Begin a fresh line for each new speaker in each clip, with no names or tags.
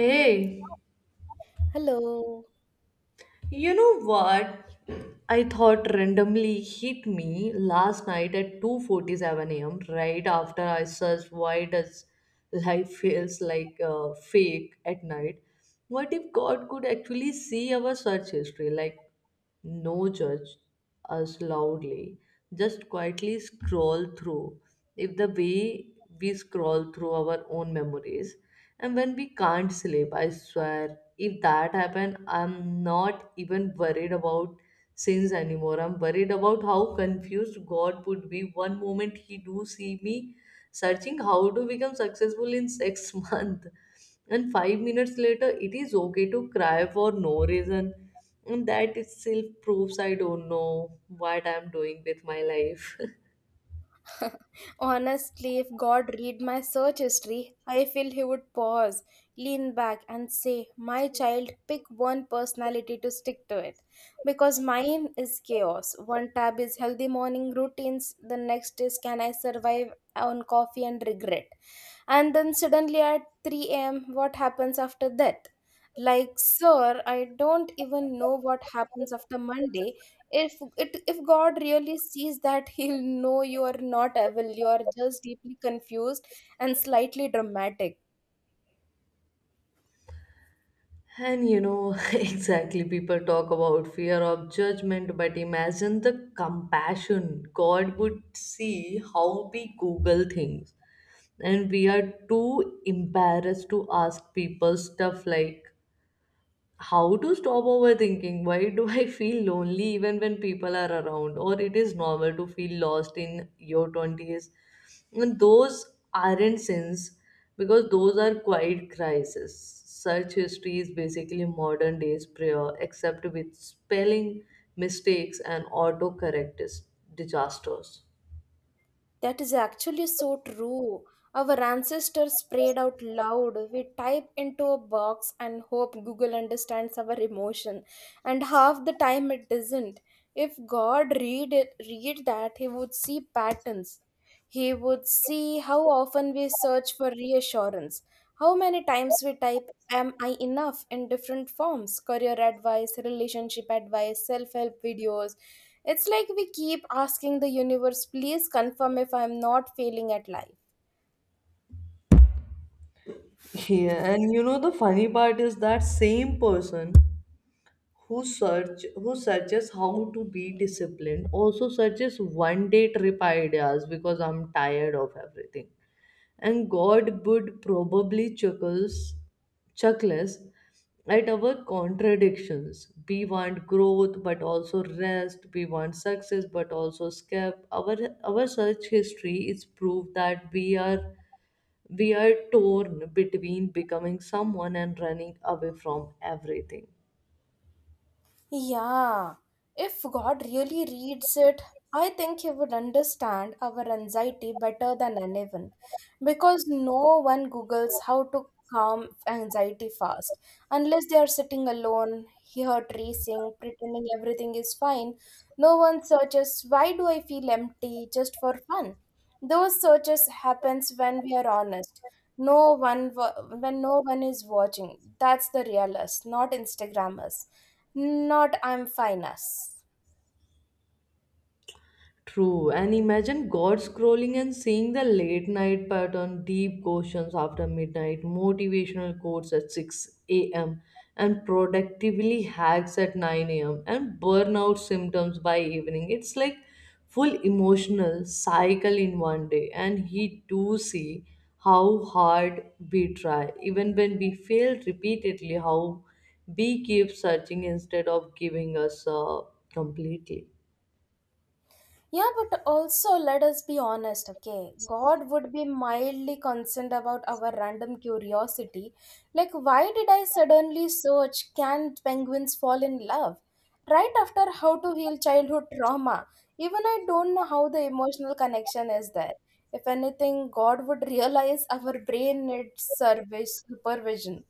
Hey,
Hello.
you know what? I thought randomly hit me last night at 2:47 a.m. right after I searched why does life feels like fake at night. What if God could actually see our search history? Like no judge us loudly, just quietly scroll through, if the way we scroll through our own memories. And when we can't sleep, I swear, if that happened, I'm not even worried about sins anymore. I'm worried about how confused God would be. One moment he do see me searching how to become successful in six months, and 5 minutes later it is okay to cry for no reason. And that itself proves I don't know what I'm doing with my life.
Honestly, if God read my search history, I feel he would pause, lean back, and say, My child, pick one personality to stick to it. Because mine is chaos. One tab is healthy morning routines, the next is Can I survive on coffee and regret? And then suddenly at 3 a.m., what happens after that? Like, sir, I don't even know what happens after Monday. If God really sees that, He'll know you are not evil. You are just deeply confused and slightly dramatic.
And you know, exactly, people talk about fear of judgment, but imagine the compassion. God would see how we google things, and we are too embarrassed to ask people stuff like how to stop overthinking, why do I feel lonely even when people are around, or it is normal to feel lost in your 20s. And those aren't sins, because those are quiet crises. Search history is basically modern day's prayer, except with spelling mistakes and autocorrect disasters.
That is actually so true. Our ancestors prayed out loud. We type into a box and hope Google understands our emotion. And half the time it doesn't. If God read it, read that, he would see patterns. He would see how often we search for reassurance. How many times we type am I enough in different forms, career advice, relationship advice, self-help videos. It's like we keep asking the universe, please confirm if I'm not failing at life.
Yeah, and you know the funny part is that same person who searches how to be disciplined also searches one day trip ideas because I'm tired of everything. And God would probably chuckles at our contradictions. We want growth but also rest. We want success but also escape. Our search history is proof that we are torn between becoming someone and running away from everything.
Yeah, if God really reads it, I think He would understand our anxiety better than anyone because no one Googles how to calm anxiety fast unless they are sitting alone, heart racing, pretending everything is fine. No one searches, Why do I feel empty just for fun? Those searches happens when we are honest. When no one is watching. That's the real us, not Instagrammers. Not I'm fine us.
True, and imagine God scrolling and seeing the late night pattern: deep questions after midnight, motivational quotes at 6 a.m., and productively hacks at 9 a.m., and burnout symptoms by evening. It's like full emotional cycle in one day, and he do see how hard we try, even when we fail repeatedly, how we keep searching instead of giving us completely.
Yeah, but also let us be honest, okay? God would be mildly concerned about our random curiosity. Like, why did I suddenly search can penguins fall in love? Right after how to heal childhood trauma. Even I don't know how the emotional connection is there. If anything, God would realize our brain needs service supervision.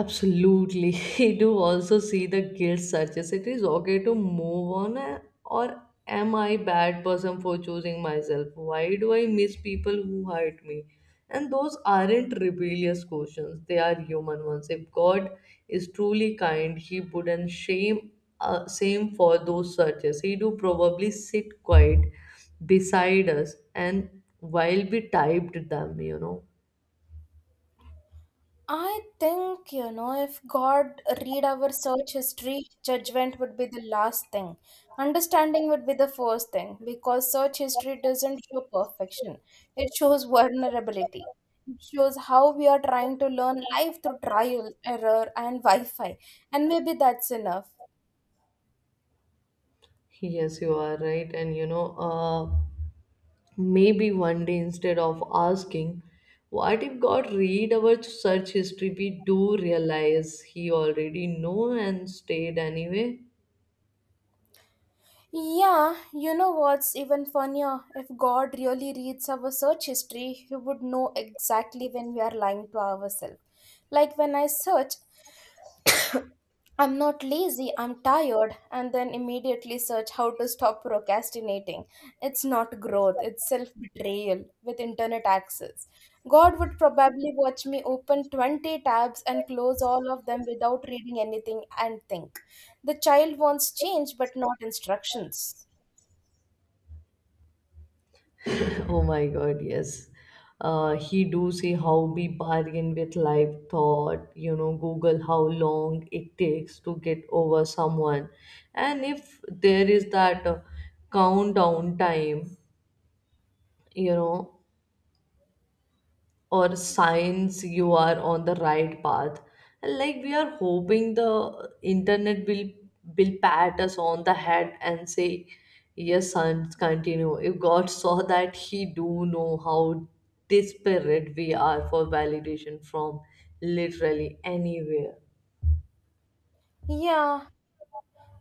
Absolutely. I do also see the guilt searches. It is okay to move on, or am I bad person for choosing myself? Why do I miss people who hurt me? And those aren't rebellious questions. They are human ones. If God is truly kind, He wouldn't shame same for those searches. He do probably sit quiet beside us and while we typed them, you know.
I think, you know, if God read our search history, judgment would be the last thing. Understanding would be the first thing because search history doesn't show perfection. It shows vulnerability. It shows how we are trying to learn life through trial, error, and Wi Fi. And maybe that's enough.
Yes, you are right. And you know, maybe one day, instead of asking, what if God read our search history, we do realize He already know and stayed anyway?
Yeah, you know what's even funnier? If God really reads our search history, He would know exactly when we are lying to ourselves. Like when I search, I'm not lazy, I'm tired, and then immediately search how to stop procrastinating. It's not growth, it's self betrayal with internet access. God would probably watch me open 20 tabs and close all of them without reading anything and think. The child wants change but not instructions.
Oh my God, yes. He do see how we bargain with life thought, you know, Google how long it takes to get over someone. And if there is that countdown time, you know, or signs you are on the right path, and like we are hoping the internet will pat us on the head and say yes son continue. If God saw that, he do know how desperate we are for validation from literally anywhere.
Yeah,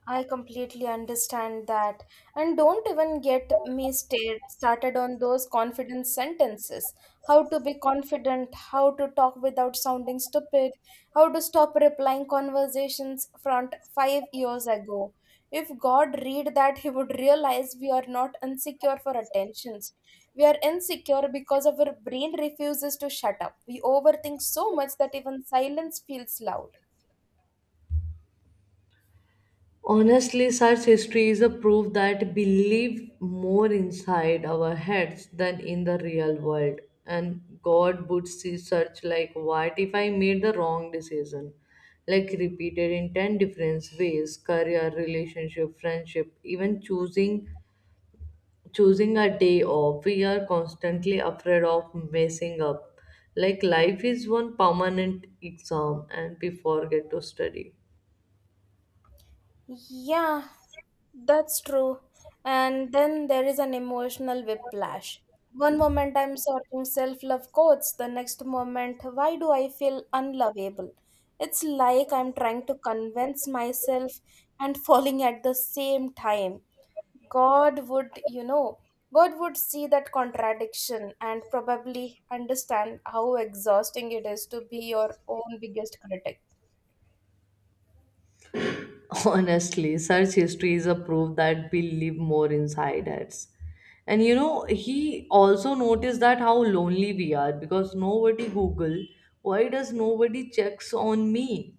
I completely understand that. And don't even started on those confidence sentences. How to be confident, how to talk without sounding stupid, how to stop replying conversations from 5 years ago. If God read that, He would realize we are not insecure for attentions. We are insecure because our brain refuses to shut up. We overthink so much that even silence feels loud.
Honestly, such history is a proof that we live more inside our heads than in the real world. And God would see such like, what if I made the wrong decision? Like repeated in 10 different ways: career, relationship, friendship, even choosing a day off. We are constantly afraid of messing up. Like life is one permanent exam and we forget to study.
Yeah, that's true. And then there is an emotional whiplash. One moment I'm sorting self love quotes, the next moment, why do I feel unlovable? It's like I'm trying to convince myself and falling at the same time. God would, you know, God would see that contradiction and probably understand how exhausting it is to be your own biggest critic.
Honestly, search history is a proof that we live more inside us. And you know, he also noticed that how lonely we are, because nobody Google. Why does nobody checks on me?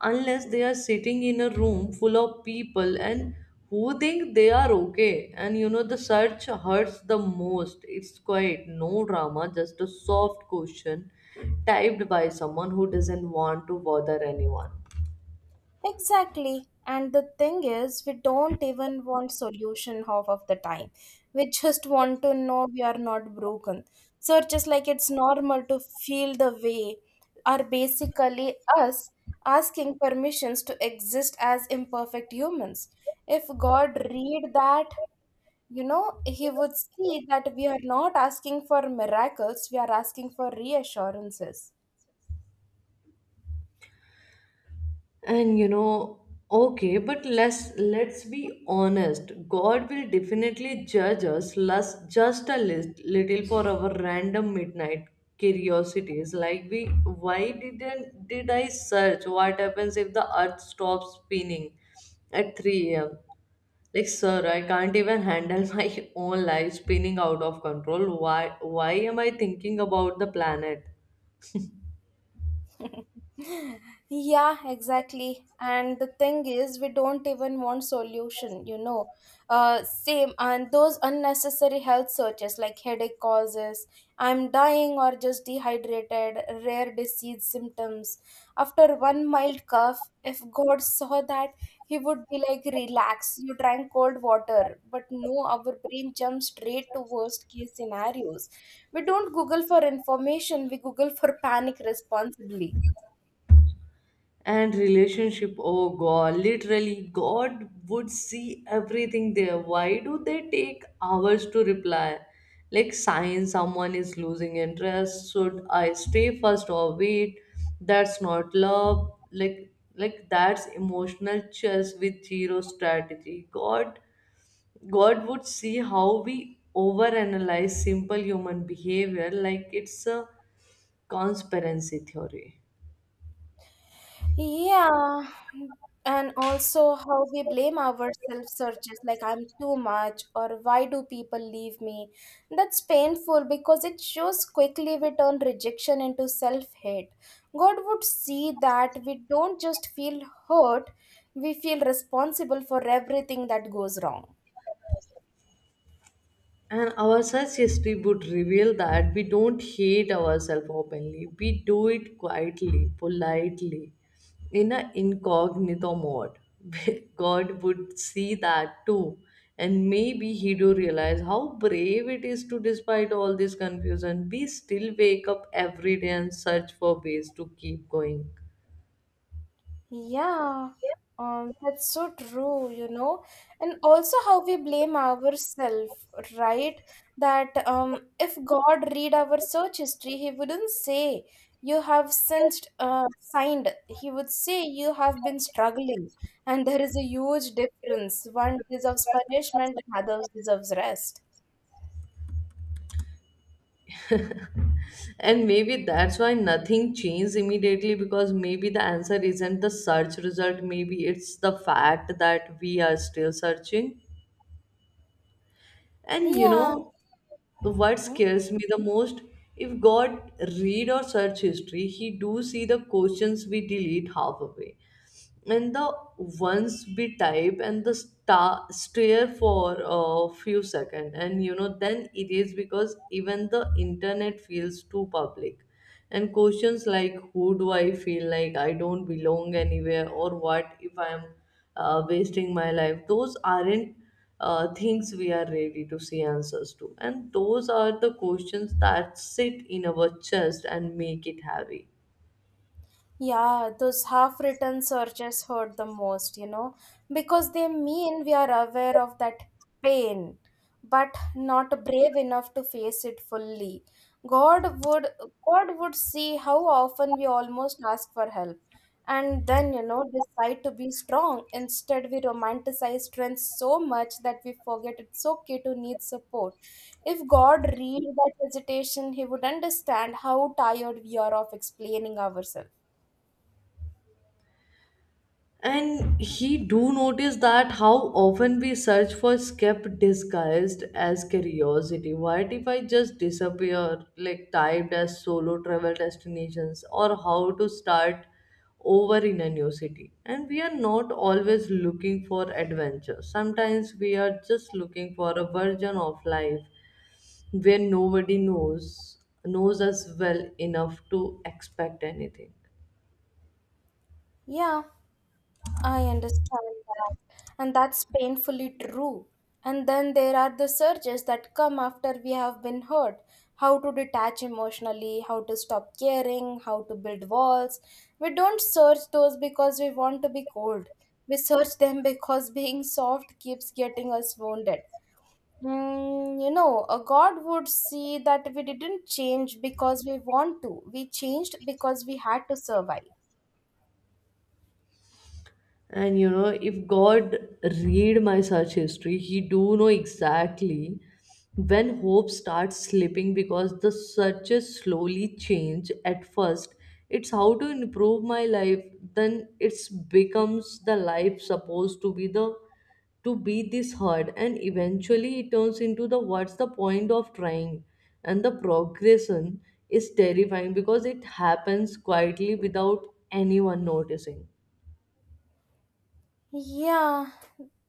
Unless they are sitting in a room full of people and who think they are okay. And you know, the search hurts the most. It's quiet, no drama, just a soft question typed by someone who doesn't want to bother anyone.
Exactly. And the thing is, we don't even want solution half of the time. We just want to know we are not broken. So just like it's normal to feel the way are basically us asking permissions to exist as imperfect humans. If God read that, you know, he would see that we are not asking for miracles, we are asking for reassurances.
And you know, okay, but let's be honest. God will definitely judge us less, just a little for our random midnight curiosities. Like, why didn't did I search what happens if the Earth stops spinning at 3 a.m. Like, sir, I can't even handle my own life spinning out of control. Why am I thinking about the planet?
Yeah, exactly. And the thing is, we don't even want solution, you know. Same and those unnecessary health searches like headache causes, I'm dying or just dehydrated, rare disease symptoms. After one mild cough, if God saw that, he would be like, relax, you drank cold water. But no, our brain jumps straight to worst case scenarios. We don't Google for information, we Google for panic responsibly.
And relationship, oh God, literally God would see everything there. Why do they take hours to reply, like sign someone is losing interest, should I stay first or wait? That's not love. Like that's emotional chess with zero strategy. God would see how we overanalyze simple human behavior like it's a conspiracy theory.
Yeah, and also how we blame ourselves, searches like I'm too much or why do people leave me? That's painful because it shows quickly we turn rejection into self hate. God would see that we don't just feel hurt, we feel responsible for everything that goes wrong.
And our search history would reveal that we don't hate ourselves openly. We do it quietly, politely, in an incognito mode. God would see that too. And maybe he do realize how brave it is to, despite all this confusion, we still wake up every day and search for ways to keep going.
Yeah, that's so true, you know, and also how we blame ourselves, right? That If God read our search history, He wouldn't say you have since signed. He would say you have been struggling, and there is a huge difference. One deserves punishment, and others deserves rest.
And maybe that's why nothing changed immediately, because maybe the answer isn't the search result, maybe it's the fact that we are still searching. And you
Yeah.
know what
Mhm.
scares me the most? If God read our search history, he do see the questions we delete half away, and the once be type and the stare for a few seconds, and you know then it is, because even the internet feels too public. And questions like who do I feel like I don't belong anywhere, or what if I am wasting my life, those aren't things we are ready to see answers to, and those are the questions that sit in our chest and make it heavy.
Yeah, those half written searches hurt the most, you know, because they mean we are aware of that pain, but not brave enough to face it fully. God would God would see how often we almost ask for help and then, you know, decide to be strong. Instead, we romanticize strength so much that we forget it's okay to need support. If God read that hesitation, he would understand how tired we are of explaining ourselves.
And he do notice that how often we search for skep disguised as curiosity. What if I just disappear, like typed as solo travel destinations or how to start over in a new city? And we are not always looking for adventure. Sometimes we are just looking for a version of life where nobody knows us well enough to expect anything.
Yeah, I understand that. And that's painfully true. And then there are the surges that come after we have been hurt. How to detach emotionally, how to stop caring, how to build walls. We don't search those because we want to be cold. We search them because being soft keeps getting us wounded. You know, a God would see that we didn't change because we want to. We changed because we had to survive.
And you know, if God read my search history, he do know exactly when hope starts slipping, because the searches slowly change. At first it's how to improve my life, then it's becomes the life supposed to be the to be this hard, and eventually it turns into the what's the point of trying. And the progression is terrifying, because it happens quietly without anyone noticing.
Yeah,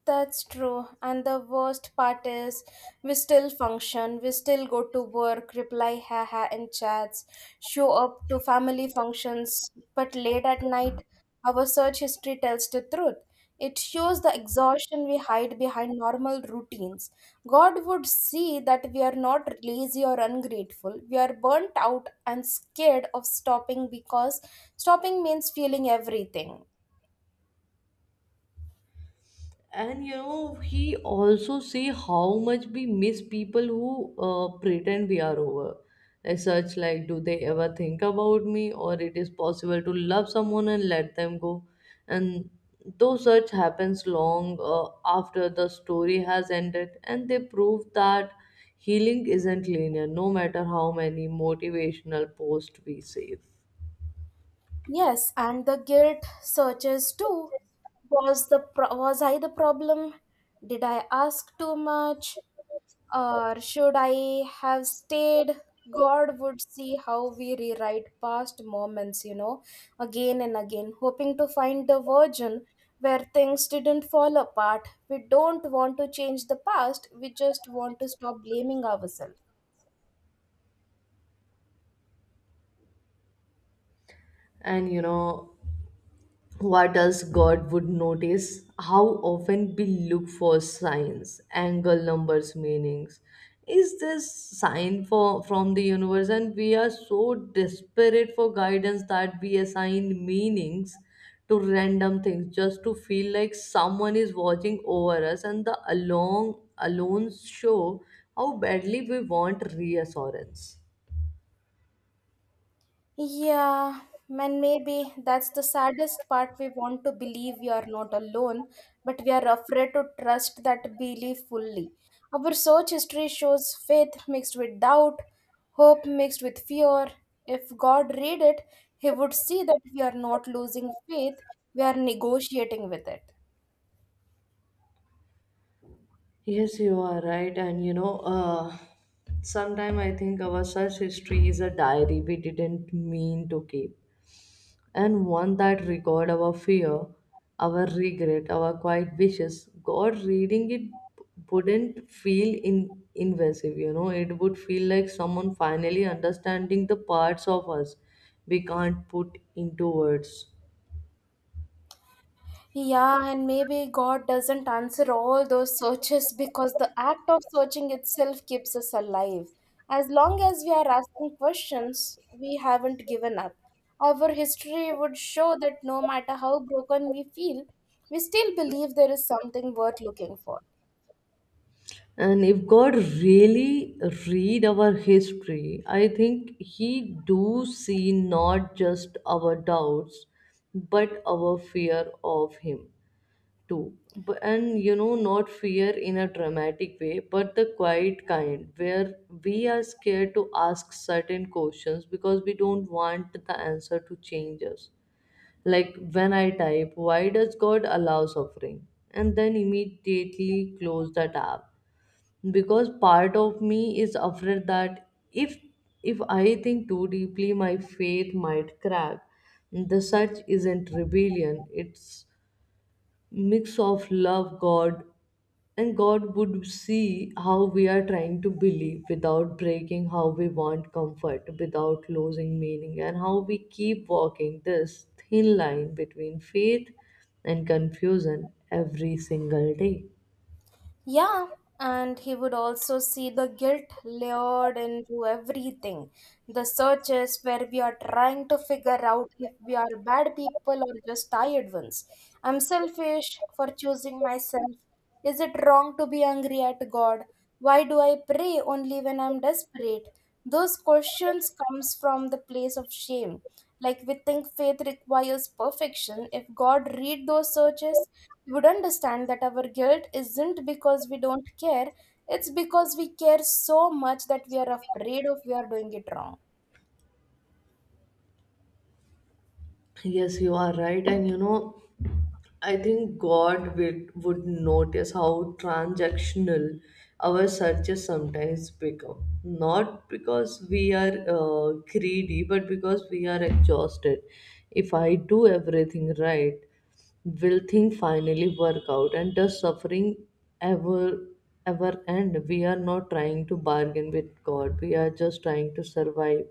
that's true. And the worst part is we still function, we still go to work, reply haha in chats, show up to family functions, but late at night, our search history tells the truth. It shows the exhaustion we hide behind normal routines. God would see that we are not lazy or ungrateful. We are burnt out and scared of stopping because stopping means feeling everything.
And you know, he also say how much we miss people who pretend we are over, such like do they ever think about me, or it is possible to love someone and let them go. And though such happens long after the story has ended, and they prove that healing isn't linear, no matter how many motivational posts we save.
Yes, and the guilt searches too. Was I the problem? Did I ask too much? Or should I have stayed? God would see how we rewrite past moments, you know, again and again, hoping to find the version where things didn't fall apart. We don't want to change the past, we just want to stop blaming ourselves.
And you know what else God would notice: how often we look for signs, angle numbers meanings, is this sign for from the universe. And we are so desperate for guidance that we assign meanings to random things just to feel like someone is watching over us, and the alone show how badly we want reassurance.
Yeah, and maybe that's the saddest part. We want to believe we are not alone, but we are afraid to trust that belief fully. Our search history shows faith mixed with doubt, hope mixed with fear. If God read it, He would see that we are not losing faith, we are negotiating with it.
Yes, you are right. And you know, sometime I think our search history is a diary we didn't mean to keep, and one that record our fear, our regret, our quiet wishes. God reading it wouldn't feel in invasive. You know, it would feel like someone finally understanding the parts of us we can't put into words.
Yeah, and maybe God doesn't answer all those searches because the act of searching itself keeps us alive. As long as we are asking questions, we haven't given up. Our history would show that no matter how broken we feel, we still believe there is something worth looking for.
And if God really read our history, I think he do see not just our doubts, but our fear of him too. But, and you know, not fear in a dramatic way, but the quiet kind where we are scared to ask certain questions because we don't want the answer to change us. Like when I type, why does God allow suffering? And then immediately close the tab, because part of me is afraid that if I think too deeply my faith might crack. The search isn't rebellion. It's mix of love God. And God would see how we are trying to believe without breaking, how we want comfort without losing meaning, and how we keep walking this thin line between faith and confusion every single day.
Yeah, and he would also see the guilt layered into everything. The searches where we are trying to figure out if we are bad people or just tired ones. I'm selfish for choosing myself. Is it wrong to be angry at God? Why do I pray only when I'm desperate? Those questions comes from the place of shame. Like we think faith requires perfection. If God read those searches, He would understand that our guilt isn't because we don't care, it's because we care so much that we are afraid of we are doing it wrong.
Yes, you are right. And you know, I think God would notice how transactional our searches sometimes become. Not because we are greedy, but because we are exhausted. If I do everything right, will thing finally work out? And does suffering ever ever end? We are not trying to bargain with God. We are just trying to survive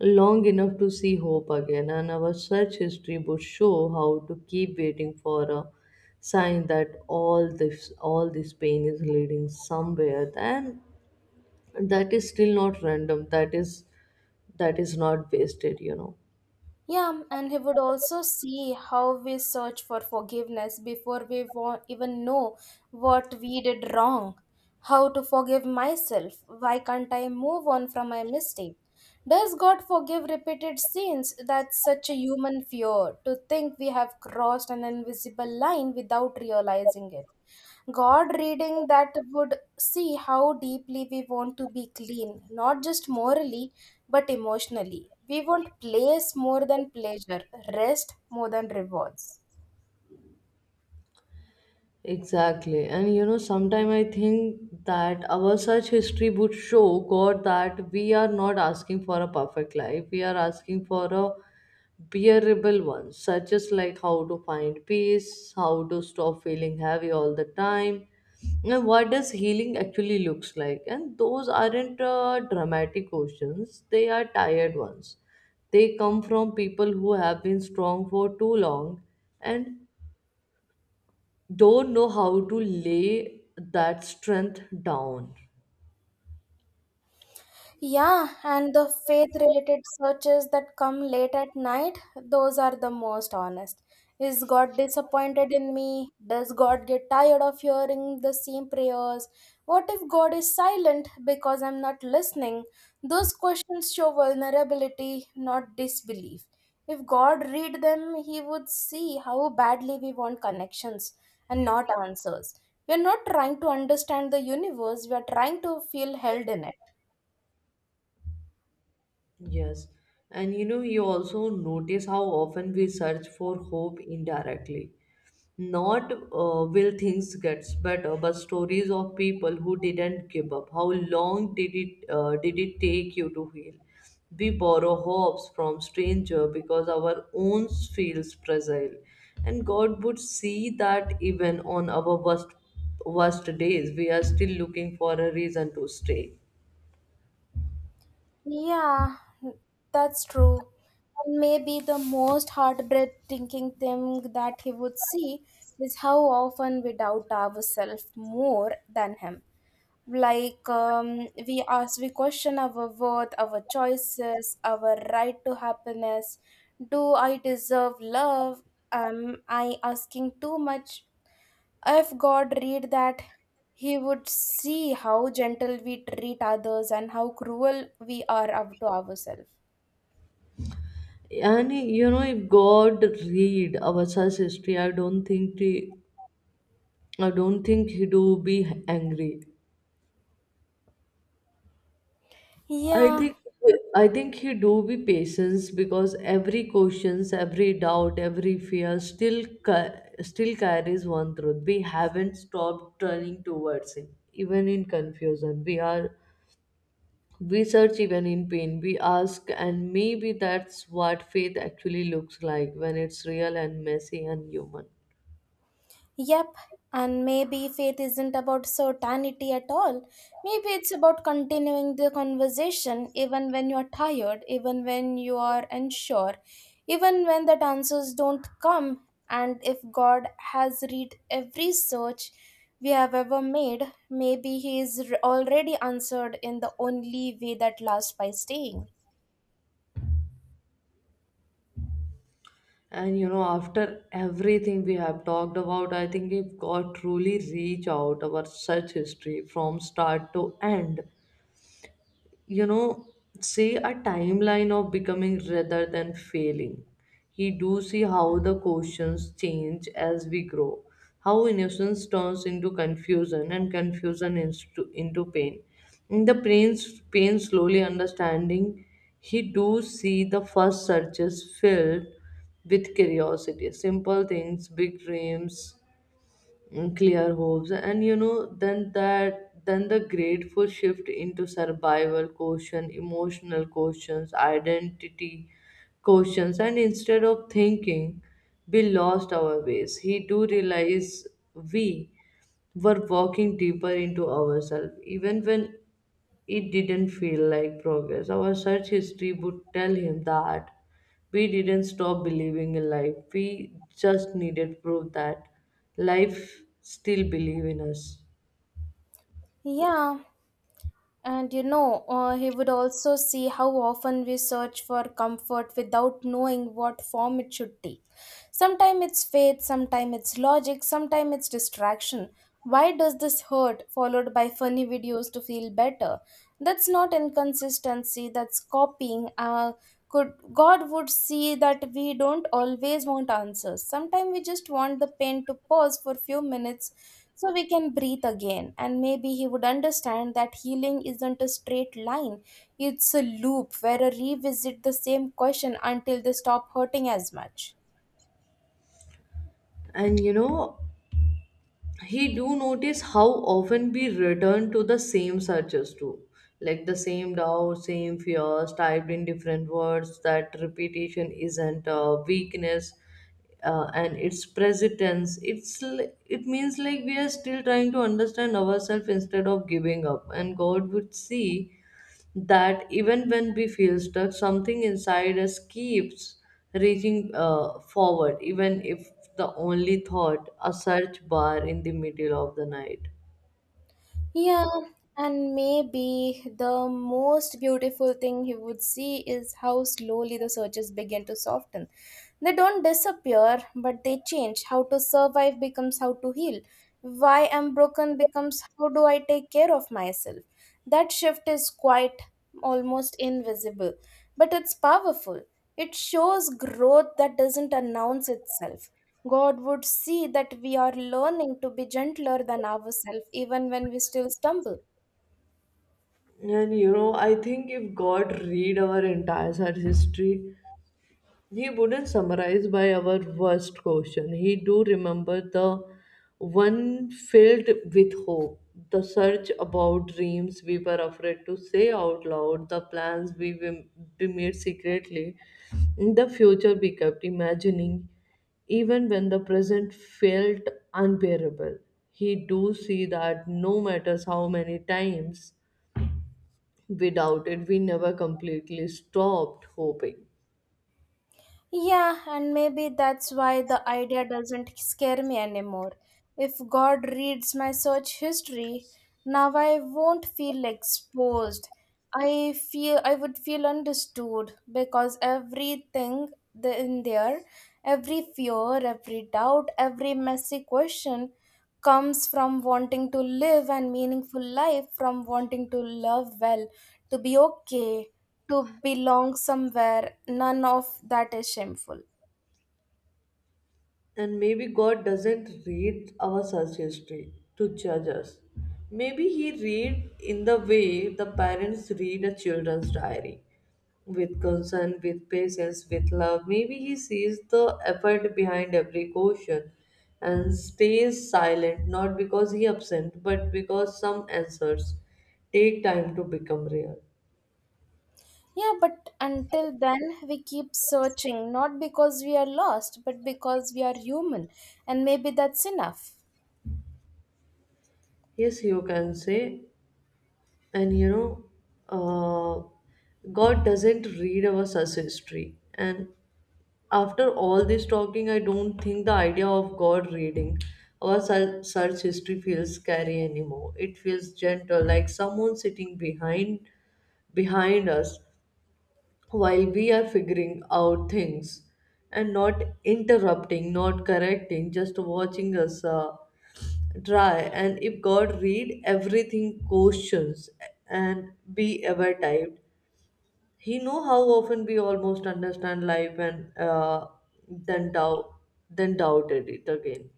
long enough to see hope again, and our search history would show how to keep waiting for a sign that all this pain is leading somewhere, and that is still not random, that is not wasted, you know.
Yeah, and he would also see how we search for forgiveness before even know what we did wrong. How to forgive myself? Why can't I move on from my mistake? Does God forgive repeated sins? That's such a human fear to think we have crossed an invisible line without realizing it. God reading that would see how deeply we want to be clean, not just morally, but emotionally. We want place more than pleasure, rest more than rewards.
Exactly. And you know, sometimes I think that our search history would show God that we are not asking for a perfect life. We are asking for a bearable one, such as like how to find peace, how to stop feeling heavy all the time, and what does healing actually looks like. And those aren't dramatic questions. They are tired ones. They come from people who have been strong for too long and don't know how to lay that strength down.
Yeah, and the faith related searches that come late at night, those are the most honest. Is God disappointed in me? Does God get tired of hearing the same prayers? What if God is silent because I'm not listening? Those questions show vulnerability, not disbelief. If God read them, he would see how badly we want connections and not answers. We are not trying to understand the universe, we are trying to feel held in it.
Yes. And you know, you also notice how often we search for hope indirectly. Not will things gets better, but stories of people who didn't give up. How long did it take you to heal? We borrow hopes from stranger because our own feels fragile, and God would see that even on our worst days, we are still looking for a reason to stay.
Yeah, that's true. And maybe the most heartbreaking thing that he would see is how often we doubt ourselves more than him. We ask, we question our worth, our choices, our right to happiness. Do I deserve love? Am I asking too much? If God read that, he would see how gentle we treat others and how cruel we are up to ourselves.
And you know, if God read Avatar's history, I don't think he do be angry. I
Yeah,
think I think he do be patience because every questions, every doubt, every fear still carries one truth. We haven't stopped turning towards him, even in confusion. We search even in pain. We ask, and maybe that's what faith actually looks like when it's real and messy and human.
yep. And maybe faith isn't about certainty at all. Maybe it's about continuing the conversation even when you're tired, even when you are unsure, even when the answers don't come. And if God has read every search we have ever made, maybe He is already answered in the only way that lasts by staying.
And you know, after everything we have talked about, I think we've got truly reach out our search history from start to end, you know, say a timeline of becoming rather than failing. He do see how the questions change as we grow, how innocence turns into confusion and confusion into pain, in the pain's pain slowly understanding. He do see the first searches filled with curiosity, simple things, big dreams, clear hopes. And you know, then that then the grateful shift into survival question, emotional questions, identity questions. And instead of thinking we lost our ways, he do realize we were walking deeper into ourselves even when it didn't feel like progress. Our search history would tell him that we didn't stop believing in life. We just needed proof that life still believe in us.
Yeah, and he would also see how often we search for comfort without knowing what form it should take. Sometimes it's faith, sometimes it's logic, sometimes it's distraction. Why does this hurt, followed by funny videos to feel better? That's not inconsistency, that's copying. Could God would see that we don't always want answers. Sometimes we just want the pain to pause for few minutes so we can breathe again, and maybe he would understand that healing isn't a straight line. It's a loop where I revisit the same question until they stop hurting as much.
And you know, he do notice how often we return to the same searches too, like the same doubt, same fears typed in different words. That repetition isn't a weakness, and it's present tense, it means like we are still trying to understand ourselves instead of giving up. And god would see that even when we feel stuck, something inside us keeps reaching forward, even if the only thought, a search bar in the middle of the night.
Yeah. And maybe the most beautiful thing he would see is how slowly the searches begin to soften. They don't disappear, but they change. How to survive becomes how to heal. Why I'm broken becomes how do I take care of myself. That shift is quite almost invisible, but it's powerful. It shows growth that doesn't announce itself. God would see that we are learning to be gentler than ourselves even when we still stumble.
And you know, I think if God read our entire search history, He wouldn't summarize by our worst question. He do remember the one filled with hope, the search about dreams we were afraid to say out loud, the plans we made secretly, the future we kept imagining, even when the present felt unbearable. He do see that no matters how many times we doubted, we never completely stopped hoping.
Yeah, and maybe that's why the idea doesn't scare me anymore. If God reads my search history, now I won't feel exposed. I feel I would feel understood because everything in there, every fear, every doubt, every messy question comes from wanting to live a meaningful life, from wanting to love well, to be okay, to belong somewhere. None of that is shameful.
And maybe God doesn't read our search history to judge us. Maybe He read in the way the parents read a children's diary. With concern, with patience, with love. Maybe he sees the effort behind every question and stays silent, not because he absent, but because some answers take time to become real.
Yeah, but until then, we keep searching, not because we are lost, but because we are human. And maybe that's enough.
Yes, you can say, and you know, uh, god doesn't read our such history. And after all this talking, I don't think the idea of god reading our search history feels scary anymore. It feels gentle, like someone sitting behind us while we are figuring out things, and not interrupting, not correcting, just watching us try. And if god read everything questions and be ever typed, he know how often we almost understand life and, then doubt, then doubted it again.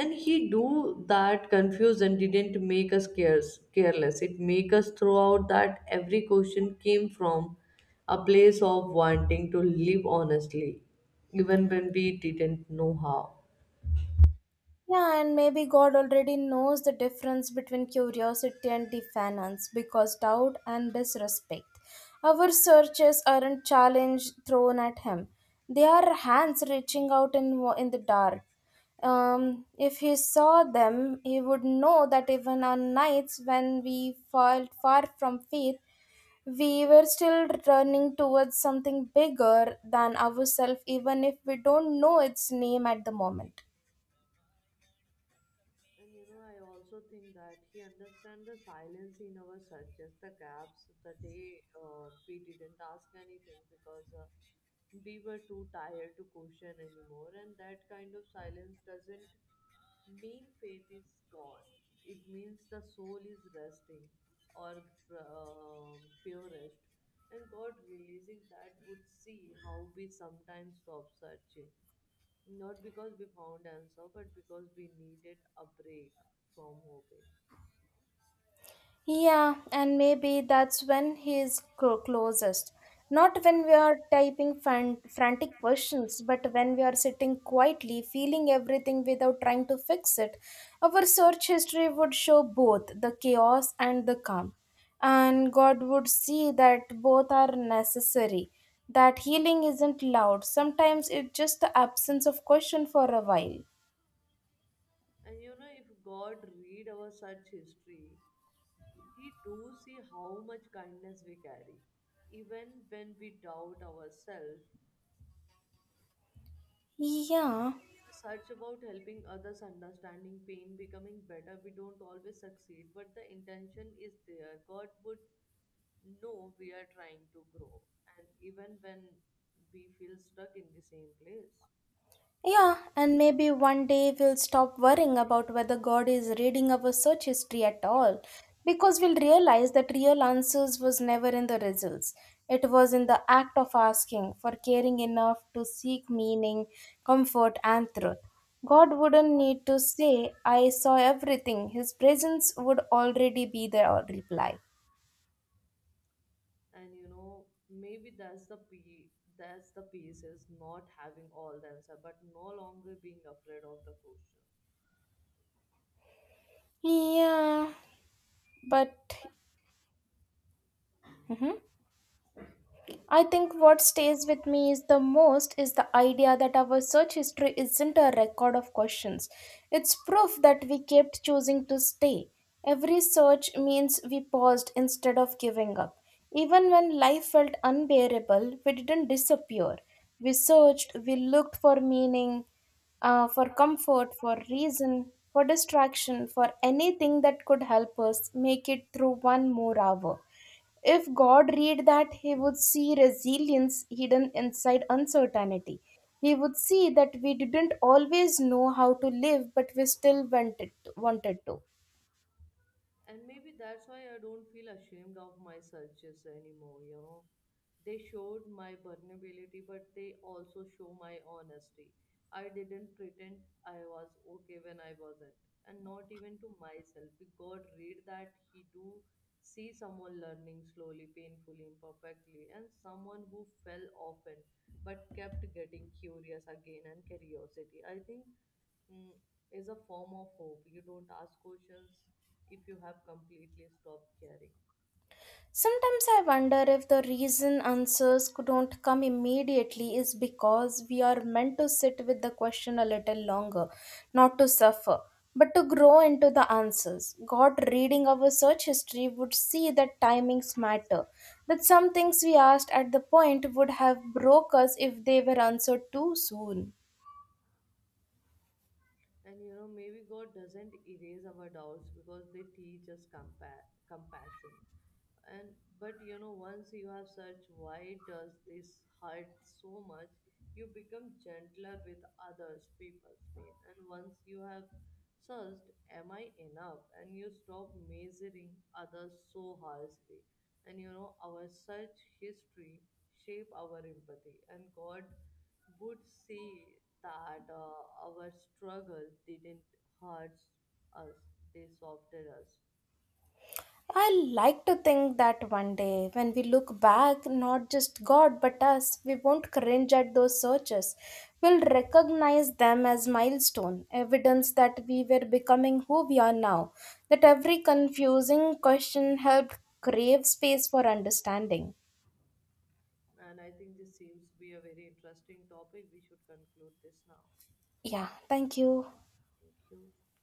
And he do that confusion didn't make us careless, it make us throughout that every question came from a place of wanting to live honestly, even when we didn't know how.
Yeah, and maybe God already knows the difference between curiosity and defiance, because doubt and disrespect. Our searches aren't challenge thrown at Him, they are hands reaching out in, in the dark. If He saw them, He would know that even on nights when we felt far from faith, we were still running towards something bigger than ourselves, even if we don't know its name at the moment.
And you know, I also think that he understands the silence in our searches, the gaps. The day we didn't ask anything because we were too tired to question anymore, and that kind of silence doesn't mean faith is gone. It means the soul is resting, or purest, and God releasing that would see how we sometimes stop searching. Not because we found answer, but because we needed a break from hoping.
Yeah, and maybe that's when he is closest. Not when we are typing frantic questions, but when we are sitting quietly, feeling everything without trying to fix it. Our search history would show both the chaos and the calm. And God would see that both are necessary. That healing isn't loud. Sometimes it's just the absence of question for a while.
And you know, if God read our such history, He do see how much kindness we carry. Even when we doubt ourselves,
Yeah.
search about helping others understanding pain, becoming better, we don't always succeed, but the intention is there. God would know we are trying to grow. And even when we feel stuck in the same place.
Yeah, and maybe one day we'll stop worrying about whether God is reading our search history at all, because we'll realize that real answers was never in the results. It was in the act of asking for caring enough to seek meaning, comfort, and truth. God wouldn't need to say, I saw everything. His presence would already be the reply.
And you know, maybe that's the piece, is not having all the answer but no longer being afraid of the question.
Yeah, but. Mhm. I think what stays with me is the most is the idea that our search history isn't a record of questions. It's proof that we kept choosing to stay. Every search means we paused instead of giving up. Even when life felt unbearable, we didn't disappear. We searched, we looked for meaning, for comfort, for reason, for distraction, for anything that could help us make it through one more hour. If God read that, he would see resilience hidden inside uncertainty. He would see that we didn't always know how to live, but we still wanted to.
And maybe that's why I don't feel ashamed of my searches anymore. You know, they showed my vulnerability, but they also show my honesty. I didn't pretend I was okay when I wasn't, and not even to myself. If God read that, He do see someone learning slowly, painfully, imperfectly, and someone who fell often but kept getting curious again. And curiosity, I think, mm, is a form of hope. You don't ask questions if you have completely stopped caring.
Sometimes I wonder if the reason answers don't come immediately is because we are meant to sit with the question a little longer, not to suffer, but to grow into the answers. God, reading our search history, would see that timings matter, that some things we asked at the point would have broke us if they were answered too soon.
And you know, maybe God doesn't erase our doubts because they teach us compassion. And but you know, once you have searched why does this hurt so much, you become gentler with others people's pain. And once you have searched am I enough, and you stop measuring others so harshly. And you know, our search history shape our empathy, and god would see that our struggle didn't hurt us, they softened us.
I like to think that one day, when we look back, not just God but us, we won't cringe at those searches. We'll recognize them as milestone, evidence that we were becoming who we are now, that every confusing question helped crave space for understanding.
And I think this seems to be a very interesting topic. We should conclude this now.
Yeah, thank you.
Thank you.